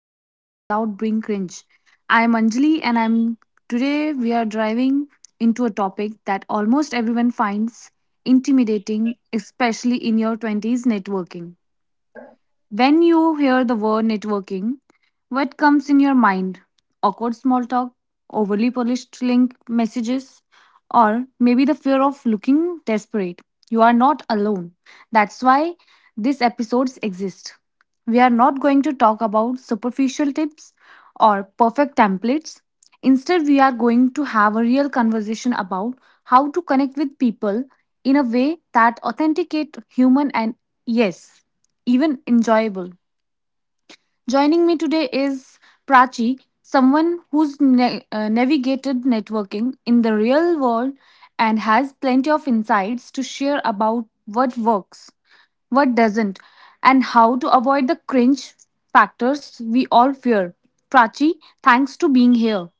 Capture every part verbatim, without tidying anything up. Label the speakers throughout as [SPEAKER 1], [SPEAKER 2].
[SPEAKER 1] To Network Without Being Cringe. I'm Anjali and I'm today we are driving into a topic that almost everyone finds intimidating, especially in your twenties. Networking. When you hear the word networking, what comes in your mind? Awkward small talk, overly polished link messages, or maybe the fear of looking desperate. You are not alone. That's why these episodes exist. We are not going to talk about superficial tips or perfect templates. Instead, we are going to have a real conversation about how to connect with people in a way that authenticate human and yes, even enjoyable. Joining me today is Prachi, someone who's na- uh, navigated networking in the real world and has plenty of insights to share about what works, what doesn't, and how to avoid the cringe factors we all fear. Prachi, thanks to being here.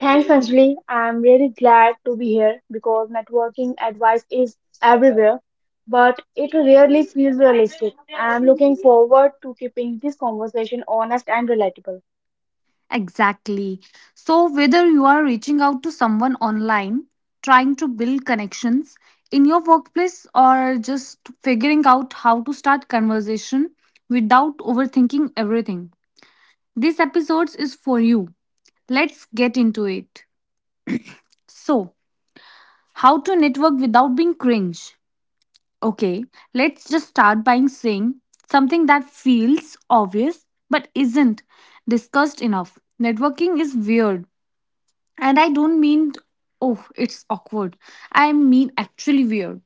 [SPEAKER 2] Thanks, Anjali. I'm really glad to be here because networking advice is everywhere, but it rarely feels realistic. I'm looking forward to keeping this conversation honest and relatable.
[SPEAKER 1] Exactly. So, whether you are reaching out to someone online, trying to build connections in your workplace, or just figuring out how to start conversation without overthinking everything, this episode is for you. Let's get into it. So, how to network without being cringe? Okay, let's just start by saying something that feels obvious but isn't discussed enough. Networking is weird. And I don't mean oh, it's awkward. I mean actually weird.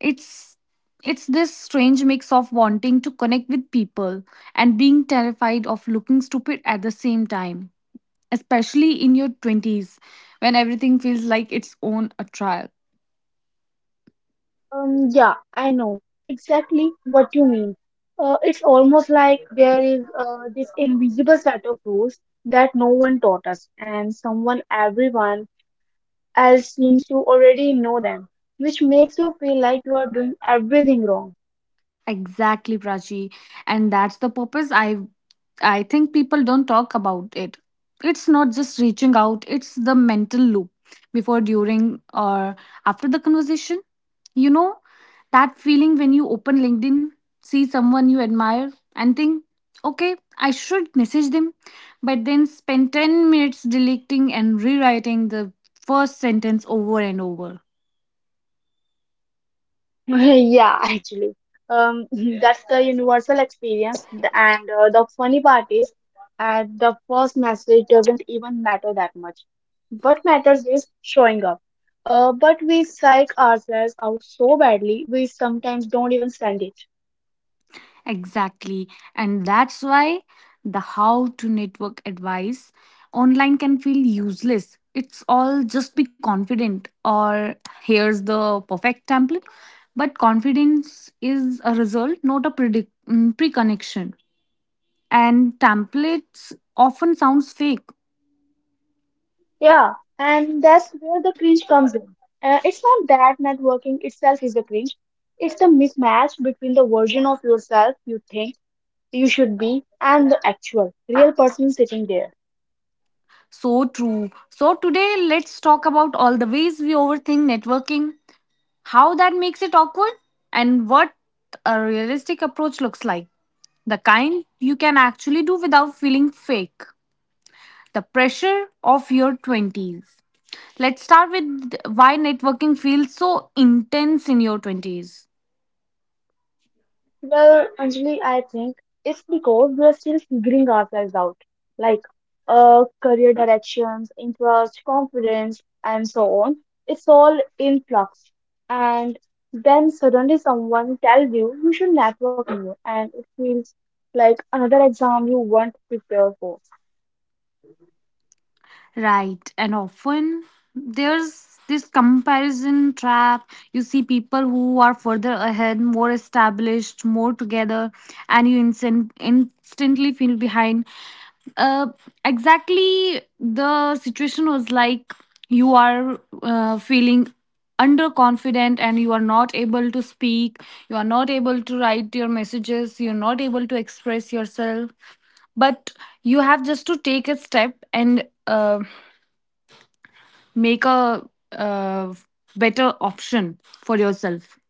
[SPEAKER 1] It's it's this strange mix of wanting to connect with people and being terrified of looking stupid at the same time, especially in your twenties, when everything feels like its own a trial.
[SPEAKER 2] Um, yeah, I know exactly what you mean. Uh, it's almost like there is uh, this invisible set of rules that no one taught us, and someone, everyone else seems to already know them, which makes you feel like you are doing everything wrong.
[SPEAKER 1] Exactly, Prachi. And that's the purpose I I think people don't talk about it. It's not just reaching out, it's the mental loop before, during, or after the conversation. You know, that feeling when you open LinkedIn, see someone you admire, and think, okay, I should message them, but then spend ten minutes deleting and rewriting the first sentence over and over.
[SPEAKER 2] Yeah, actually, um, that's the universal experience. The- And uh, The funny part is, at the first message doesn't even matter that much. What matters is showing up. Uh, but we psych ourselves out so badly, we sometimes don't even send it.
[SPEAKER 1] Exactly. And that's why the how to network advice online can feel useless. It's all just be confident or here's the perfect template. But confidence is a result, not a predict mm, pre-connection. And templates often sounds fake.
[SPEAKER 2] Yeah, and that's where the cringe comes in. Uh, it's not that networking itself is the cringe. It's the mismatch between the version of yourself you think you should be and the actual real person sitting there.
[SPEAKER 1] So true. So today let's talk about all the ways we overthink networking, how that makes it awkward, and what a realistic approach looks like. The kind you can actually do without feeling fake. The pressure of your twenties. Let's start with why networking feels so intense in your twenties.
[SPEAKER 2] Well, Anjali, I think it's because we are still figuring ourselves out, like uh, career directions, interest, confidence, and so on. It's all in flux. And then suddenly someone tells you you should network more, and it feels like another exam you weren't prepared for.
[SPEAKER 1] Right. And often there's this comparison trap. You see people who are further ahead, more established, more together, and you instant, instantly feel behind. Uh, exactly, the situation was like you are uh, feeling underconfident and you are not able to speak, you are not able to write your messages, you're not able to express yourself. But you have just to take a step and uh, make a uh, better option for yourself.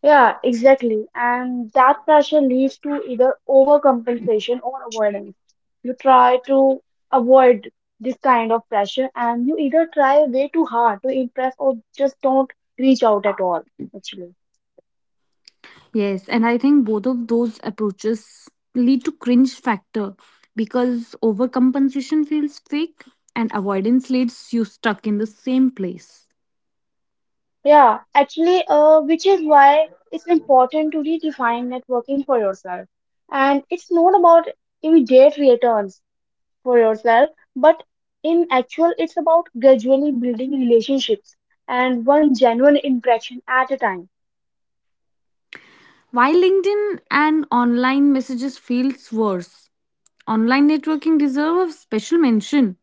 [SPEAKER 2] Yeah, exactly. And that pressure leads to either overcompensation or avoidance. You try to avoid this kind of pressure and you either try way too hard to impress or just don't reach out at all, actually.
[SPEAKER 1] Yes, and I think both of those approaches lead to cringe factor because overcompensation feels fake and avoidance leaves you stuck in the same place.
[SPEAKER 2] Yeah, actually, uh, which is why it's important to redefine networking for yourself. And it's not about immediate returns. For yourself, but in actual it's about gradually building relationships and one genuine interaction at a time.
[SPEAKER 1] While LinkedIn and online messages feels worse, online networking deserve a special mention.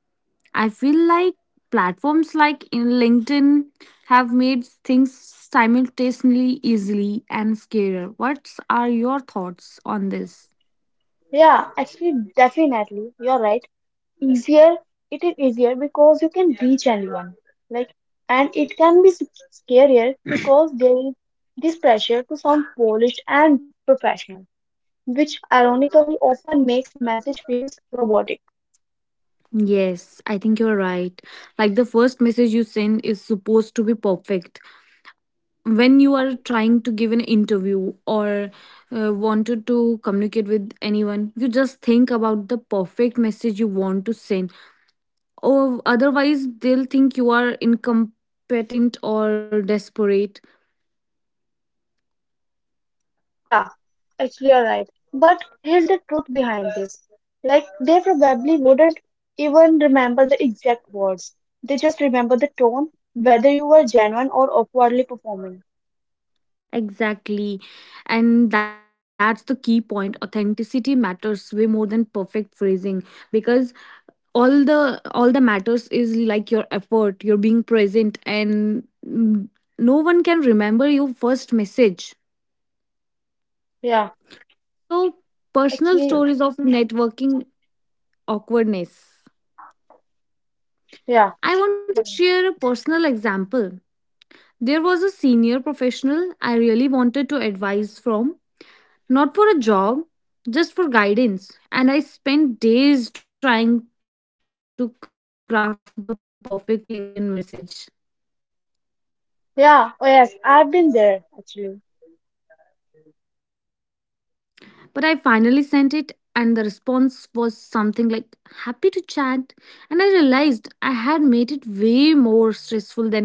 [SPEAKER 1] I feel like platforms like in LinkedIn have made things simultaneously easily and scarier. What are your thoughts on this?
[SPEAKER 2] Yeah, actually, definitely you're right. Easier, it is easier because you can reach anyone, like, and it can be s- scarier because there is this pressure to sound polished and professional, which ironically often makes message feels robotic.
[SPEAKER 1] Yes, I think you're right. Like the first message you send is supposed to be perfect. When you
[SPEAKER 2] Yeah.
[SPEAKER 1] are trying to give an interview or uh, wanted to communicate with anyone, you just think about the perfect message you want to send. Or otherwise, they'll think you are incompetent or desperate.
[SPEAKER 2] Yeah, actually, you're right. But here's the truth behind this. Like, they probably wouldn't even remember the exact words. They just remember the tone, whether you were genuine or awkwardly performing.
[SPEAKER 1] Exactly. And that's the key point. Authenticity matters way more than perfect phrasing because all the all the matters is like your effort, your being present and mm, no one can remember your first message.
[SPEAKER 2] Yeah,
[SPEAKER 1] So, personal
[SPEAKER 2] actually,
[SPEAKER 1] stories of networking awkwardness.
[SPEAKER 2] yeah,
[SPEAKER 1] I want to
[SPEAKER 2] yeah,
[SPEAKER 1] share a personal example. There was a senior professional I really wanted to advise from. Not for a job, just for guidance. And I spent days trying to craft the perfect LinkedIn message.
[SPEAKER 2] yeah. Oh, yes, I've been there, actually.
[SPEAKER 1] But I finally sent it, and the response was something like, happy to chat. And I realized I had made it way more stressful than needed to be.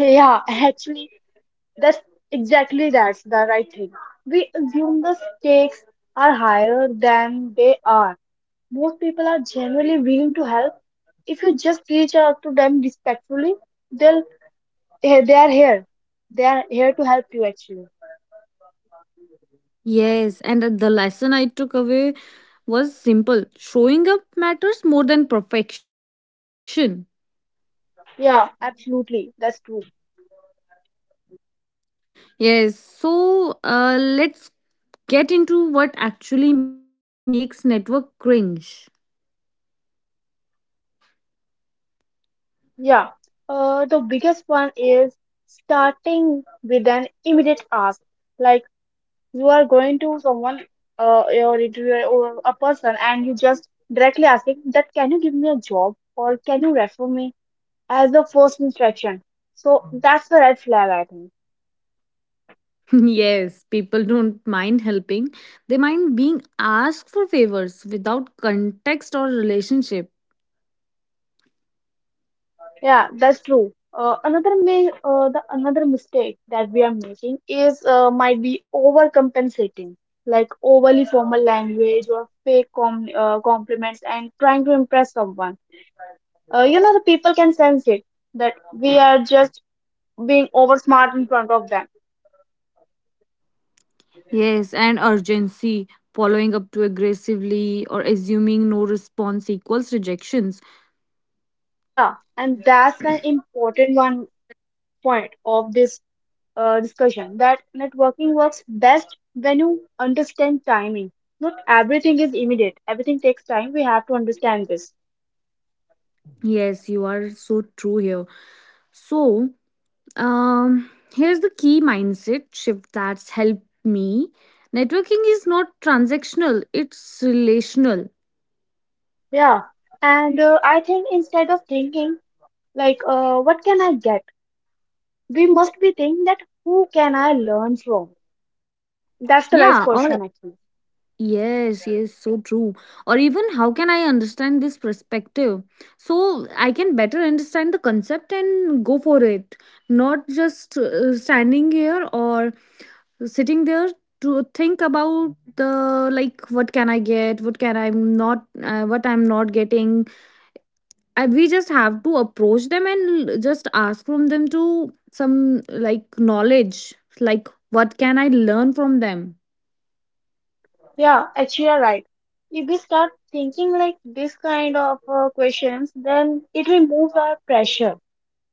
[SPEAKER 2] Yeah, actually, that's exactly that's the right thing. We assume the stakes are higher than they are. Most people are generally willing to help if you just reach out to them respectfully. They'll, eh, they are here, they are here to help you, actually.
[SPEAKER 1] Yes, and the lesson I took away was simple: showing up matters more than perfection.
[SPEAKER 2] Yeah, absolutely, that's true.
[SPEAKER 1] Yes, so uh, let's get into what actually makes network cringe.
[SPEAKER 2] Yeah, uh, the biggest one is starting with an immediate ask, like you are going to someone, uh, or it- or a person and you just directly asking that can you give me a job or can you refer me as the first instruction. So that's the red flag, I think.
[SPEAKER 1] Yes, people don't mind helping. They mind being asked for favors without context or relationship.
[SPEAKER 2] Yeah, that's true. Uh, another may uh, the another mistake that we are making is uh, might be overcompensating, like overly formal language or fake com uh, compliments and trying to impress someone. Uh, you know, the people can sense it that we are just being over smart in front of them.
[SPEAKER 1] Yes, and urgency, following up too aggressively or assuming no response equals rejections.
[SPEAKER 2] Yeah, and that's an important one point of this uh, discussion, that networking works best when you understand timing. Not everything is immediate, everything takes time. We have to understand this.
[SPEAKER 1] Yes, you are so true here. So, um, here's the key mindset shift that's helped me. Networking is not transactional, it's relational.
[SPEAKER 2] Yeah. And uh, I think instead of thinking, like, uh, what can I get? We must be thinking that who can I learn from? That's the right question,
[SPEAKER 1] Yeah,
[SPEAKER 2] actually.
[SPEAKER 1] or yes, so true. Or even how can I understand this perspective? So I can better understand the concept and go for it, not just uh, standing here or sitting there to think about the like what can I get, what can I'm not, uh, what I'm not getting. I, we just have to approach them and just ask from them to some like knowledge, like what can I learn from them.
[SPEAKER 2] Yeah, actually, you're right. If we start thinking like this kind of uh, questions, then it removes our pressure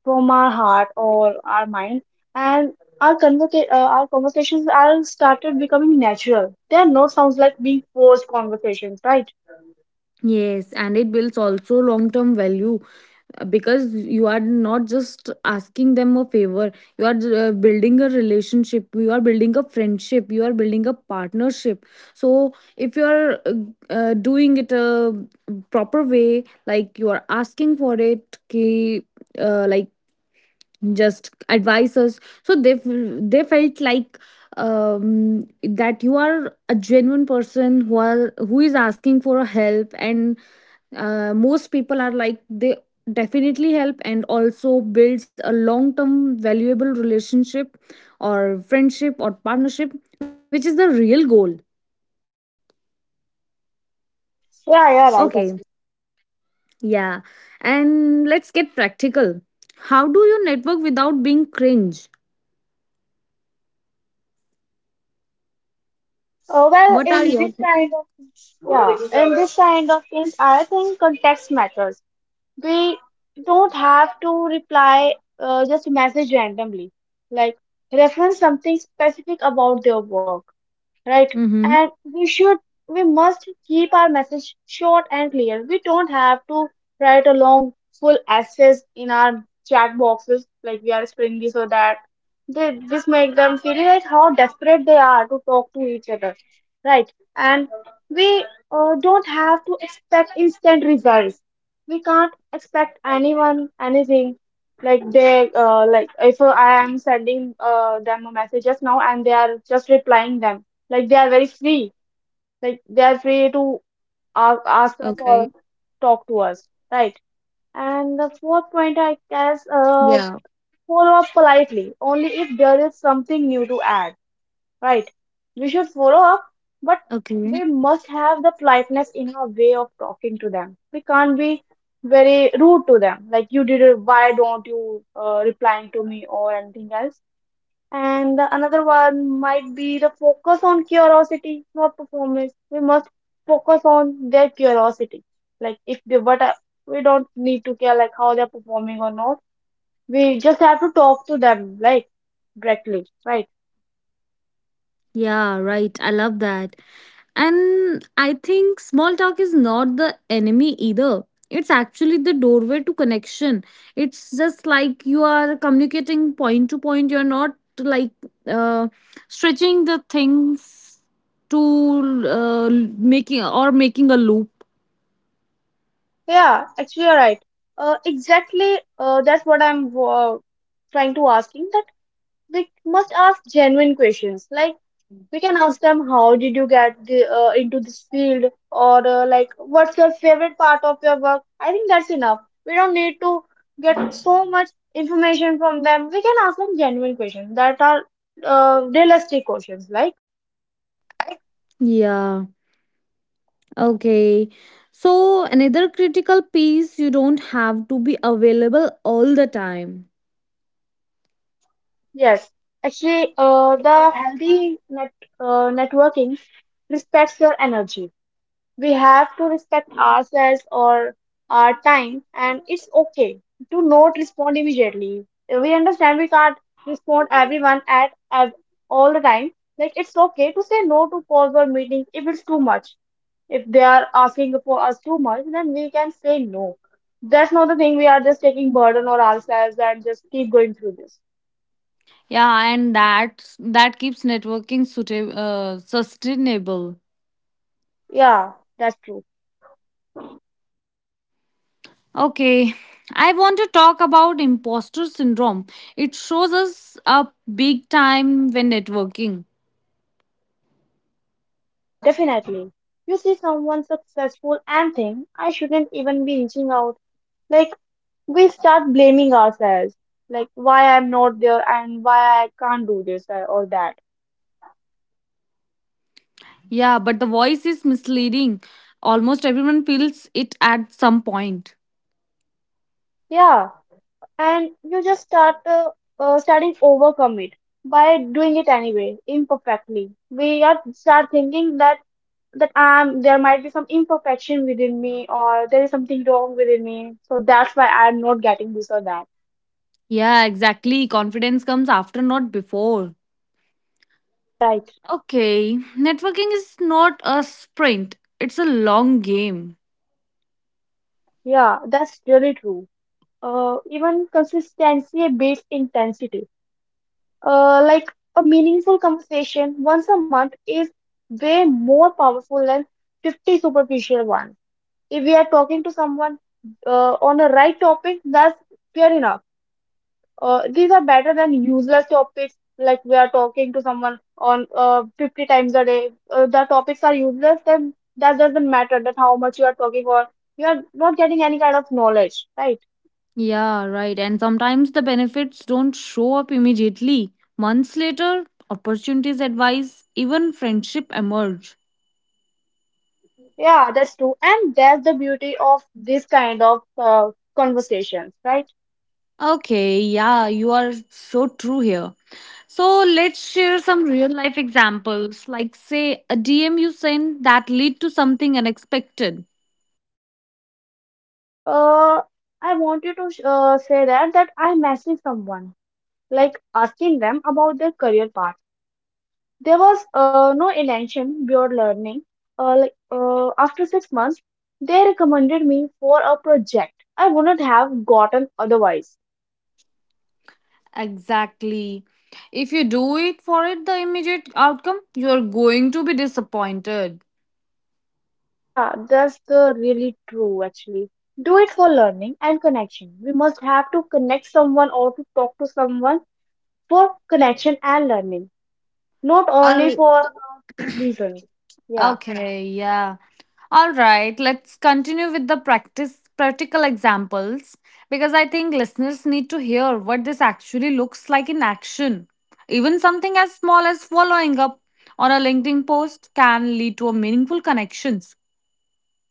[SPEAKER 2] from our heart or our mind, and our convoca- uh, our conversations are started becoming natural. They are no sounds like being forced conversations, right?
[SPEAKER 1] Yes, and it builds also long term value because you are not just asking them a favor, you are uh, building a relationship, you are building a friendship, you are building a partnership. So if you are uh, uh, doing it a proper way, like you are asking for it ki, uh, like just advise us, so they f- they felt like um that you are a genuine person who are who is asking for a help, and uh, most people are like they definitely help and also builds a long term valuable relationship or friendship or partnership, which is the real goal.
[SPEAKER 2] Yeah, yeah, right,
[SPEAKER 1] Okay,
[SPEAKER 2] actually.
[SPEAKER 1] yeah. And let's get practical, how do you network without being cringe,
[SPEAKER 2] Uh, well,
[SPEAKER 1] what
[SPEAKER 2] in
[SPEAKER 1] are your
[SPEAKER 2] this kind of yeah in this kind of thing I think context matters. We don't have to reply, uh, just message randomly, like reference something specific about their work, right?
[SPEAKER 1] mm-hmm.
[SPEAKER 2] And we should, we must keep our message short and clear. We don't have to write a long, full essays in our chat boxes, like we are spelling so that. They, this make them feel like how desperate they are to talk to each other, right? And we uh, don't have to expect instant results. We can't expect anyone anything, like they uh, like if I am sending uh, them a message just now and they are just replying them, like they are very free. Like they are free to
[SPEAKER 1] Okay.
[SPEAKER 2] ask, ask us or talk to us, right? And the fourth point, I
[SPEAKER 1] Yeah.
[SPEAKER 2] guess, uh, follow up politely, only if there is something new to add, right? We should follow up, but
[SPEAKER 1] Okay.
[SPEAKER 2] we must have the politeness in our way of talking to them. We can't be very rude to them, like you did it, why don't you uh, replying to me or anything else. And the another one might be the focus on curiosity, not performance. We must focus on their curiosity. Like if they what are- We don't need to care like how they're performing or not. We just have to talk to them like directly, right?
[SPEAKER 1] Yeah, right. I love that. And I think small talk is not the enemy either. It's actually the doorway to connection. It's just like you are communicating point to point. You're not like uh, stretching the things to uh, making or making a loop.
[SPEAKER 2] Yeah, actually you're right. Uh, exactly. Uh, that's what I'm uh, trying to asking, that we must ask genuine questions. Like we can ask them how did you get the, uh, into this field, or uh, like what's your favorite part of your work. I think that's enough. We don't need to get so much information from them. We can ask them genuine questions that are uh, realistic questions, like.
[SPEAKER 1] Yeah, okay. So, another critical piece, you don't have to be available all the time.
[SPEAKER 2] Yes, actually, uh, the healthy net uh, networking respects your energy. We have to respect ourselves or our time, and it's okay to not respond immediately. We understand we can't respond everyone at, at all the time. Like it's okay to say no to calls or meetings if it's too much. If they are asking for us too much, then we can say no. That's not the thing. We are just taking burden on ourselves and just keep going through this.
[SPEAKER 1] Yeah, and that that keeps networking suitable, uh, sustainable.
[SPEAKER 2] Yeah, that's true.
[SPEAKER 1] Okay, I want to talk about imposter syndrome. It shows us up big time when networking.
[SPEAKER 2] Yeah, definitely. You see someone successful and think I shouldn't even be reaching out. Like we start blaming ourselves, like why I'm not there and why I can't do this uh, or that.
[SPEAKER 1] Yeah, but the voice is misleading. Almost everyone feels it at some point.
[SPEAKER 2] Yeah, and you just start uh, uh, starting overcome it by doing it anyway imperfectly. We are start thinking that that I'm there might be some imperfection within me or there is something wrong within me, so that's why I'm not getting this or that.
[SPEAKER 1] Yeah, exactly. Confidence comes after, not before.
[SPEAKER 2] Yeah, you're right.
[SPEAKER 1] Okay, networking is not a sprint, it's a long game.
[SPEAKER 2] Yeah, that's really true. Uh even consistency beats intensity. Uh, like a meaningful conversation once a month is way more powerful than fifty superficial ones. If we are talking to someone uh, on the right topic, that's fair enough. Uh, these are better than useless topics, like we are talking to someone on uh, fifty times a day. Uh, the topics are useless, then that doesn't matter that how much you are talking or you are not getting any kind of knowledge, right?
[SPEAKER 1] Yeah, right. And sometimes the benefits don't show up immediately. Months later, opportunities advise, even friendship emerge.
[SPEAKER 2] Yeah, that's true. And that's the beauty of this kind of uh, conversations, right?
[SPEAKER 1] Okay, yeah, you are so true here. So let's share some real life examples, like say a D M you send that lead to something unexpected.
[SPEAKER 2] uh, I wanted to sh- uh, say that that I messaged someone, like asking them about their career path. There was uh, no intention beyond learning. Uh, like uh, after six months, they recommended me for a project I wouldn't have gotten otherwise.
[SPEAKER 1] Exactly. If you do it for it, the immediate outcome, you're going to be disappointed.
[SPEAKER 2] Yeah, that's the really true, actually. Do it for learning and connection. We must have to connect someone or to talk to someone for connection and learning, not only
[SPEAKER 1] Al-
[SPEAKER 2] for reasons. Yeah.
[SPEAKER 1] okay, yeah. All right, let's continue with the practice practical examples because I think listeners need to hear what this actually looks like in action. Even something as small as following up on a LinkedIn post can lead to a meaningful connections.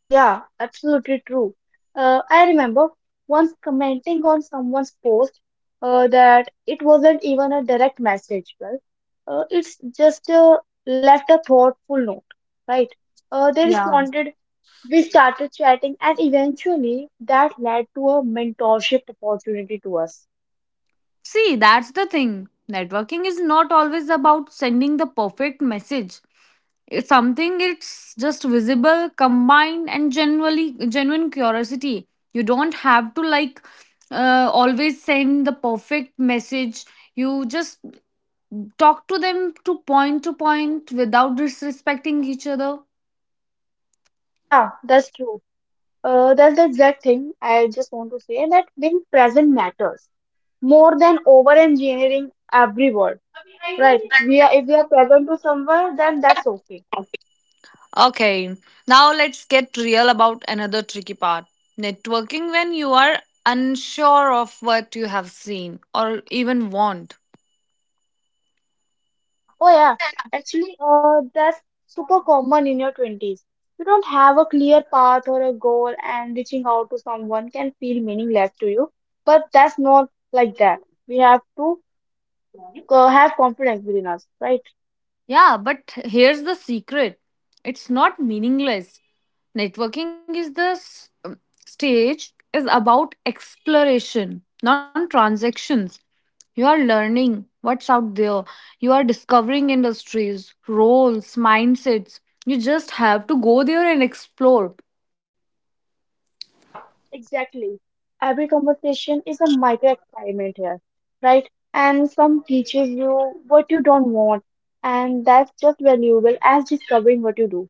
[SPEAKER 2] Yeah, absolutely true. Uh, I remember once commenting on someone's post, uh, that it wasn't even a direct message. Well, uh, it's just uh, left a thoughtful note, right? Uh, they
[SPEAKER 1] Yeah.
[SPEAKER 2] responded, we started chatting, and eventually that led to a mentorship opportunity to us.
[SPEAKER 1] See, that's the thing. Networking is not always about sending the perfect message. It's something it's just visible combined and generally genuine curiosity. You don't have to like uh, always send the perfect message, you just talk to them to point to point without disrespecting each other.
[SPEAKER 2] Yeah, that's true. Uh, that's the exact thing I just want to say, that being present matters more than over engineering every word, right? We are, if we are present to someone, then that's okay.
[SPEAKER 1] Okay, now let's get real about another tricky part, networking when you are unsure of what you have seen or even want.
[SPEAKER 2] Yeah, oh yeah, actually uh that's super common in your twenties. You don't have a clear path or a goal, and reaching out to someone can feel meaningless to you. But that's not like that. We have to uh, have confidence within us, right?
[SPEAKER 1] Yeah, but here's the secret, it's not meaningless. Networking is the s- um, stage is about exploration, non transactions. You are learning what's out there. You are discovering industries, roles, mindsets. You just have to go there and explore.
[SPEAKER 2] Yeah, exactly. Every conversation is a micro experiment here, right? And some teaches you what you don't want, and that's just valuable as discovering what you do.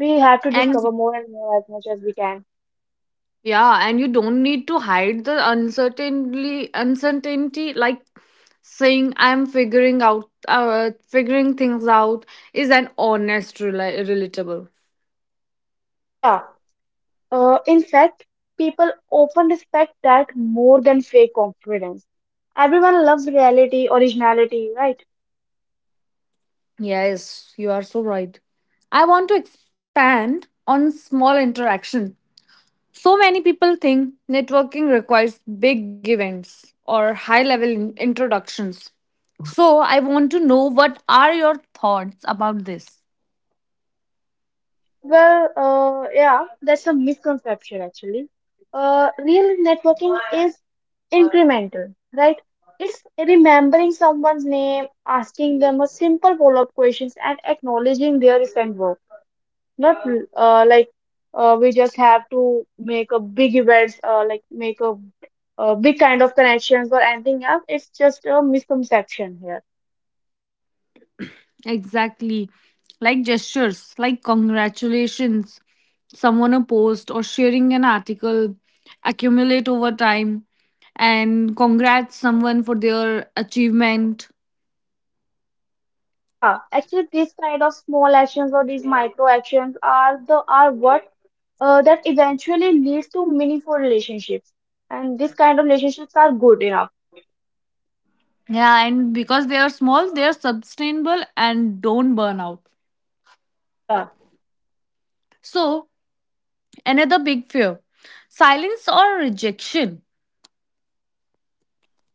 [SPEAKER 2] We have to
[SPEAKER 1] And
[SPEAKER 2] discover more and more as much as we can.
[SPEAKER 1] yeah, and you don't need to hide the uncertainty, uncertainty like saying I'm figuring out, uh, figuring things out is an honest, rela- relatable.
[SPEAKER 2] Yeah, uh, in fact, people often respect that more than fake confidence. Everyone loves reality, originality, right?
[SPEAKER 1] Yes, you are so right. I want to expand on small interaction. So many people think networking requires big events or high level in- introductions. So I want to know what are your thoughts about this?
[SPEAKER 2] Well, uh, yeah, that's a misconception, actually. Uh, real networking is incremental, right? It's remembering someone's name, asking them a simple follow-up questions, and acknowledging their recent work. Not uh, like uh, we just have to make a big events, uh, like make a, a big kind of connections or anything else. It's just a misconception here.
[SPEAKER 1] Exactly. Like gestures, like congratulations, someone a post or sharing an article accumulate over time, and congrats someone for their achievement.
[SPEAKER 2] Yeah, actually, these kind of small actions or these micro actions are the are what uh, that eventually leads to meaningful relationships. And this kind of relationships are good enough.
[SPEAKER 1] Yeah, and because they are small, they are sustainable and don't burn out.
[SPEAKER 2] Yeah.
[SPEAKER 1] So, another big fear, silence or rejection.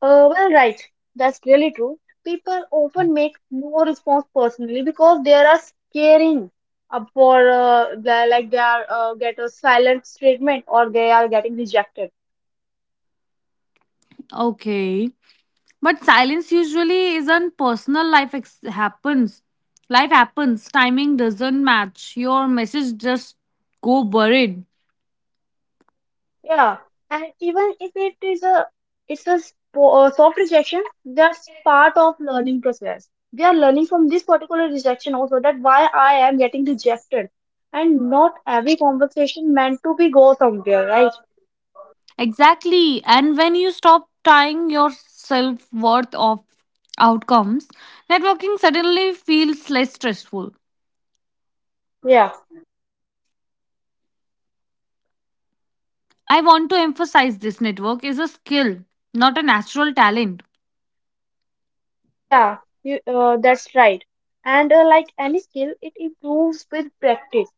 [SPEAKER 2] Uh, well, right. That's really true. People often make no response personally because they are scaring up for uh, the- like they are uh, get a silent treatment or they are getting rejected.
[SPEAKER 1] Okay. But silence usually isn't personal life ex- happens. Life happens, timing doesn't match. Your message just go buried.
[SPEAKER 2] Yeah, and even if it is a it's a spo- uh, soft rejection, that's part of learning process. We are learning from this particular rejection also that why I am getting rejected, and not every conversation meant to be go somewhere, right?
[SPEAKER 1] Exactly. And when you stop tying your self-worth of outcomes, networking suddenly feels less stressful.
[SPEAKER 2] Yeah,
[SPEAKER 1] I want to emphasize this, network is a skill, not a natural talent.
[SPEAKER 2] yeah, you, uh, that's right. And uh, like any skill, it improves with practice.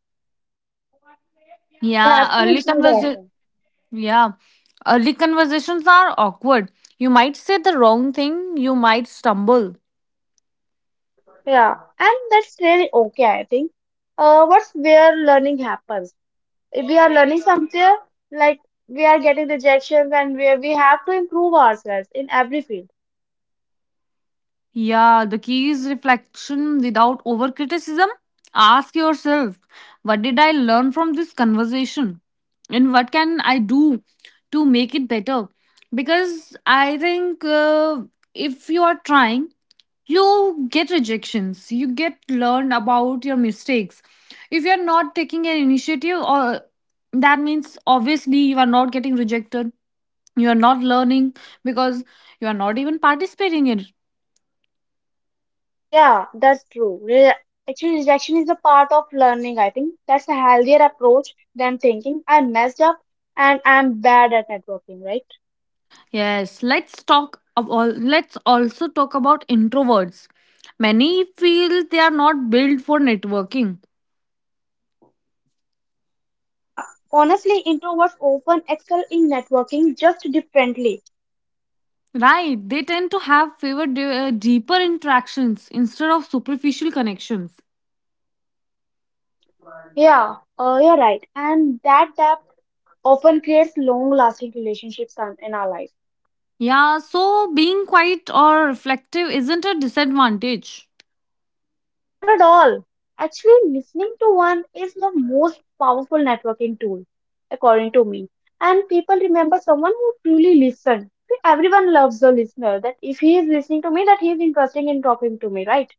[SPEAKER 2] We have
[SPEAKER 1] Yeah,
[SPEAKER 2] to
[SPEAKER 1] early
[SPEAKER 2] improve
[SPEAKER 1] conversa-
[SPEAKER 2] ourselves.
[SPEAKER 1] yeah, early conversations are awkward. You might say the wrong thing, you might stumble.
[SPEAKER 2] Yeah, and that's really okay, I think. Uh, what's where learning happens? We are learning something like we are getting rejections and we we have to improve ourselves in every field.
[SPEAKER 1] Yeah, the key is reflection without over criticism. Ask yourself, what did I learn from this conversation? And what can I do to make it better? Because I think uh, if you are trying, you get rejections, you get learn about your mistakes. If you're not taking an initiative, or that means obviously you are not getting rejected, you are not learning because you are not even participating in it.
[SPEAKER 2] Yeah, that's true. Re- actually, rejection is a part of learning. I think that's a healthier approach than thinking I messed up and I'm bad at networking, right?
[SPEAKER 1] Yes, let's talk of all, let's also talk about introverts. Many feel they are not built for networking,
[SPEAKER 2] Yeah, honestly, introverts often excel in networking just differently.
[SPEAKER 1] right? They tend to have favor de- uh, deeper interactions instead of superficial connections.
[SPEAKER 2] Yeah, uh, you're right, and that depth often creates long lasting relationships on- in our life.
[SPEAKER 1] Yeah, so being quiet or reflective isn't a disadvantage.
[SPEAKER 2] Not at all. Actually, listening to one is the most powerful networking tool, according to me. And people remember someone who truly listened. See, everyone loves the listener. That if he is listening to me, that he is interested in talking to me, right?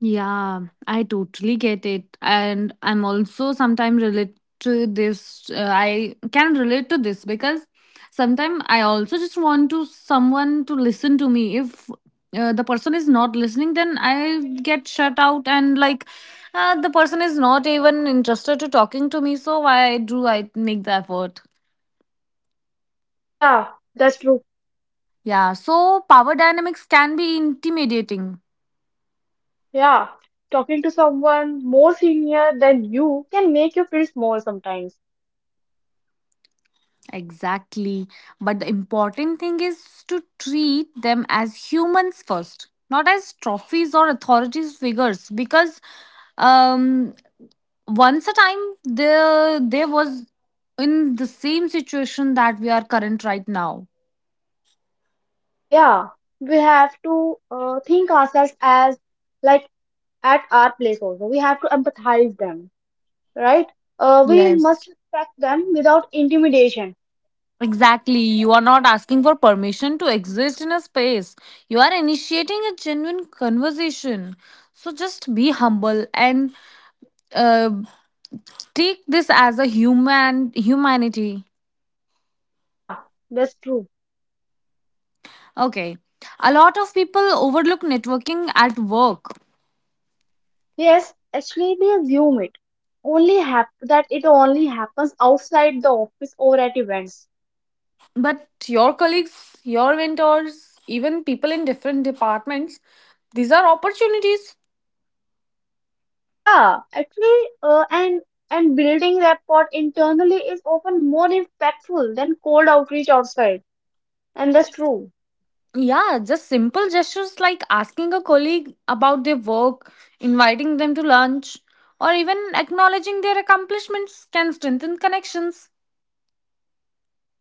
[SPEAKER 1] Yeah, I totally get it. And I'm also sometimes relate to this. Uh, I can relate to this because sometimes I also just want to someone to listen to me. If uh, the person is not listening, then I get shut out, and like uh, the person is not even interested to talking to me. So why do I make the effort?
[SPEAKER 2] Yeah, that's true.
[SPEAKER 1] Yeah, so power dynamics can be intimidating.
[SPEAKER 2] Yeah, talking to someone more senior than you can make you feel small sometimes.
[SPEAKER 1] Exactly. But the important thing is to treat them as humans first, not as trophies or authorities figures. Because um, once a time, there, there was in the same situation that we are current right now.
[SPEAKER 2] Yeah, we have to uh, think ourselves as like at our place also. We have to empathize them, right? Uh, we
[SPEAKER 1] Yes.
[SPEAKER 2] must respect them without intimidation.
[SPEAKER 1] Exactly. You are not asking for permission to exist in a space. You are initiating a genuine conversation. So just be humble and uh, take this as a human, humanity.
[SPEAKER 2] Yeah, that's true.
[SPEAKER 1] Okay, a lot of people overlook networking at work.
[SPEAKER 2] Yes, actually, they assume it only hap- that it only happens outside the office or at events.
[SPEAKER 1] But your colleagues, your mentors, even people in different departments, these are opportunities.
[SPEAKER 2] Yeah, actually, uh, and and building rapport internally is often more impactful than cold outreach outside, and that's true.
[SPEAKER 1] Yeah, just simple gestures like asking a colleague about their work, inviting them to lunch, or even acknowledging their accomplishments can strengthen connections.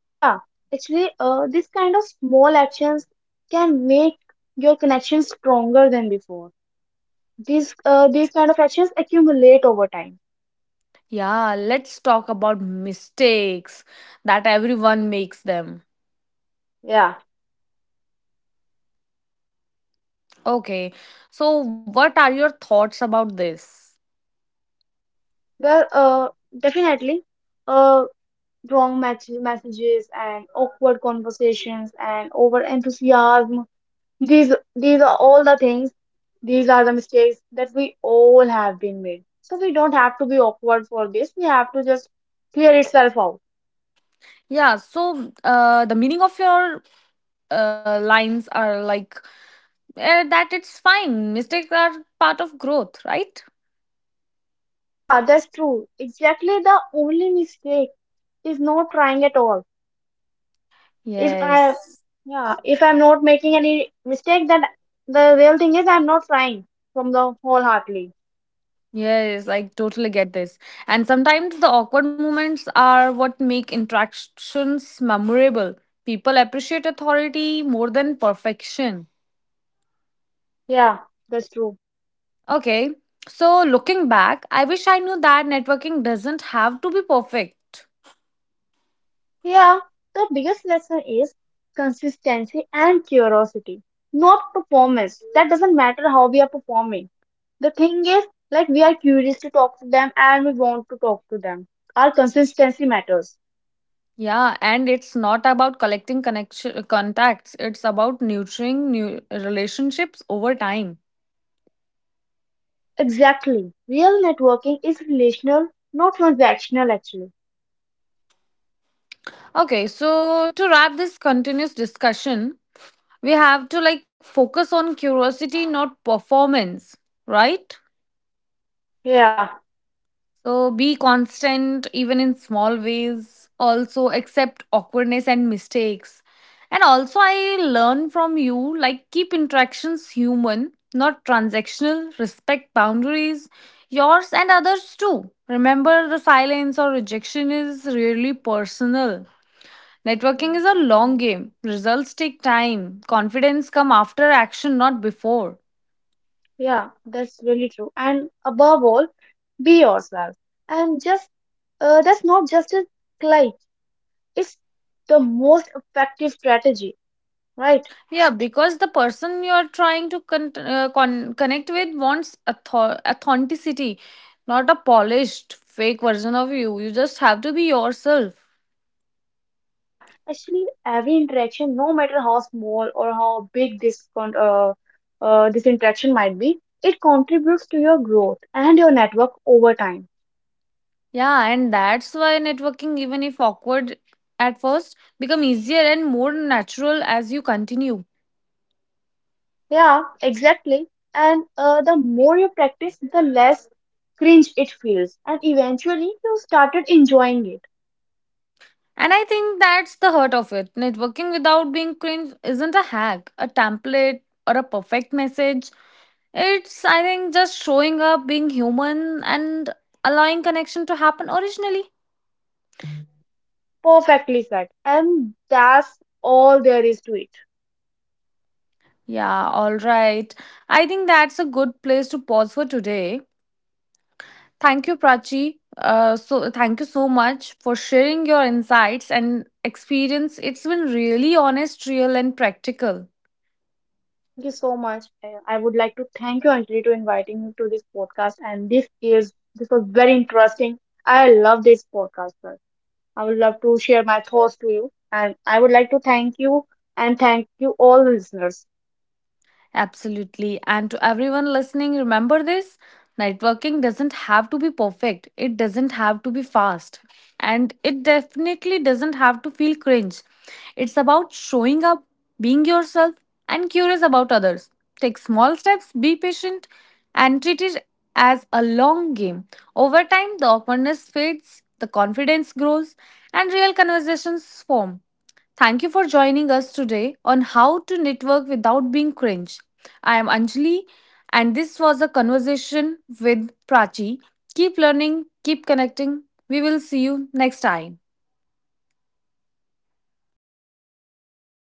[SPEAKER 2] Yeah, actually, uh, this kind of small actions can make your connection stronger than before. These uh, these kind of actions accumulate over time.
[SPEAKER 1] Yeah, let's talk about mistakes that everyone makes them.
[SPEAKER 2] Yeah,
[SPEAKER 1] Okay. So, what are your thoughts about this?
[SPEAKER 2] well, uh, definitely, uh, wrong match- messages and awkward conversations and over enthusiasm, these these are all the things. These are the mistakes that we all have been made, so we don't have to be awkward for this. We have to just clear itself out.
[SPEAKER 1] Yeah. So, uh, the meaning of your uh, lines are like uh, that it's fine. Mistakes are part of growth, right?
[SPEAKER 2] Yeah, that's true. Exactly, the only mistake is not trying at all. If I
[SPEAKER 1] Yes.
[SPEAKER 2] Yeah, if I'm not making any mistake, then the real thing is I'm not trying from the wholeheartedly.
[SPEAKER 1] Yes, I totally get this. And sometimes the awkward moments are what make interactions memorable. People appreciate authority more than perfection.
[SPEAKER 2] Yeah, that's true.
[SPEAKER 1] Okay. So, looking back, I wish I knew that networking doesn't have to be perfect.
[SPEAKER 2] Yeah, the biggest lesson is consistency and curiosity, not performance. That doesn't matter how we are performing. The thing is, like, we are curious to talk to them and we want to talk to them. Our consistency matters.
[SPEAKER 1] Yeah, and it's not about collecting connection contacts. It's about nurturing new relationships over time.
[SPEAKER 2] Exactly. Real networking is relational, not transactional, actually.
[SPEAKER 1] Okay, so to wrap this continuous discussion, we have to like focus on curiosity, not performance, right?
[SPEAKER 2] Yeah.
[SPEAKER 1] So be constant even in small ways. Also accept awkwardness and mistakes. And also I learn from you like keep interactions human, not transactional, respect boundaries, yours and others too. Remember the silence or rejection is really personal. Networking
[SPEAKER 2] Yeah.
[SPEAKER 1] is a long game. Results take time. Confidence come after action, not before.
[SPEAKER 2] Yeah, that's really true. And above all, be yourself. And just uh, that's not just a cliché. It's the most effective strategy, right?
[SPEAKER 1] Yeah, because the person you're trying to con- uh, con- connect with wants author- authenticity, not a polished, fake version of you. You just have to be yourself.
[SPEAKER 2] Yeah. Actually, every interaction, no matter how small or how big this con uh, uh, this interaction might be, it contributes to your growth and your network over time.
[SPEAKER 1] Yeah, and that's why networking, even if awkward at first, become easier and more natural as you continue.
[SPEAKER 2] Yeah, exactly. And uh, the more you practice, the less cringe it feels, and eventually you started enjoying it.
[SPEAKER 1] And I think that's the heart of it. Networking without being cringe isn't a hack, a template, or a perfect message. It's, I think, just showing up, being human, and allowing connection to happen originally.
[SPEAKER 2] Perfectly said. And that's all there is to it.
[SPEAKER 1] Yeah, all right. I think that's a good place to pause for today. Thank Prachi. Uh, so thank you so much for sharing your insights and experience. It's been really honest, real, and practical.
[SPEAKER 2] Thank you so much. Uh, I would like to thank you, Anjali, to inviting me to this podcast. And this is this was very interesting. I love this podcast, sir. I would love to share my thoughts to you. And I would like to thank you and thank you all the listeners.
[SPEAKER 1] Absolutely. And to everyone listening, remember this, networking doesn't have to be perfect, it doesn't have to be fast, and it definitely doesn't have to feel cringe. It's about showing up, being yourself, and curious about others. Take small steps, be patient, and treat it as a long game. Over time, the awkwardness fades, the confidence grows, and real conversations form. Thank you for joining us today on how to network without being cringe. I am Anjali, and this was a conversation with Prachi. Keep learning, keep connecting. We will see you next time.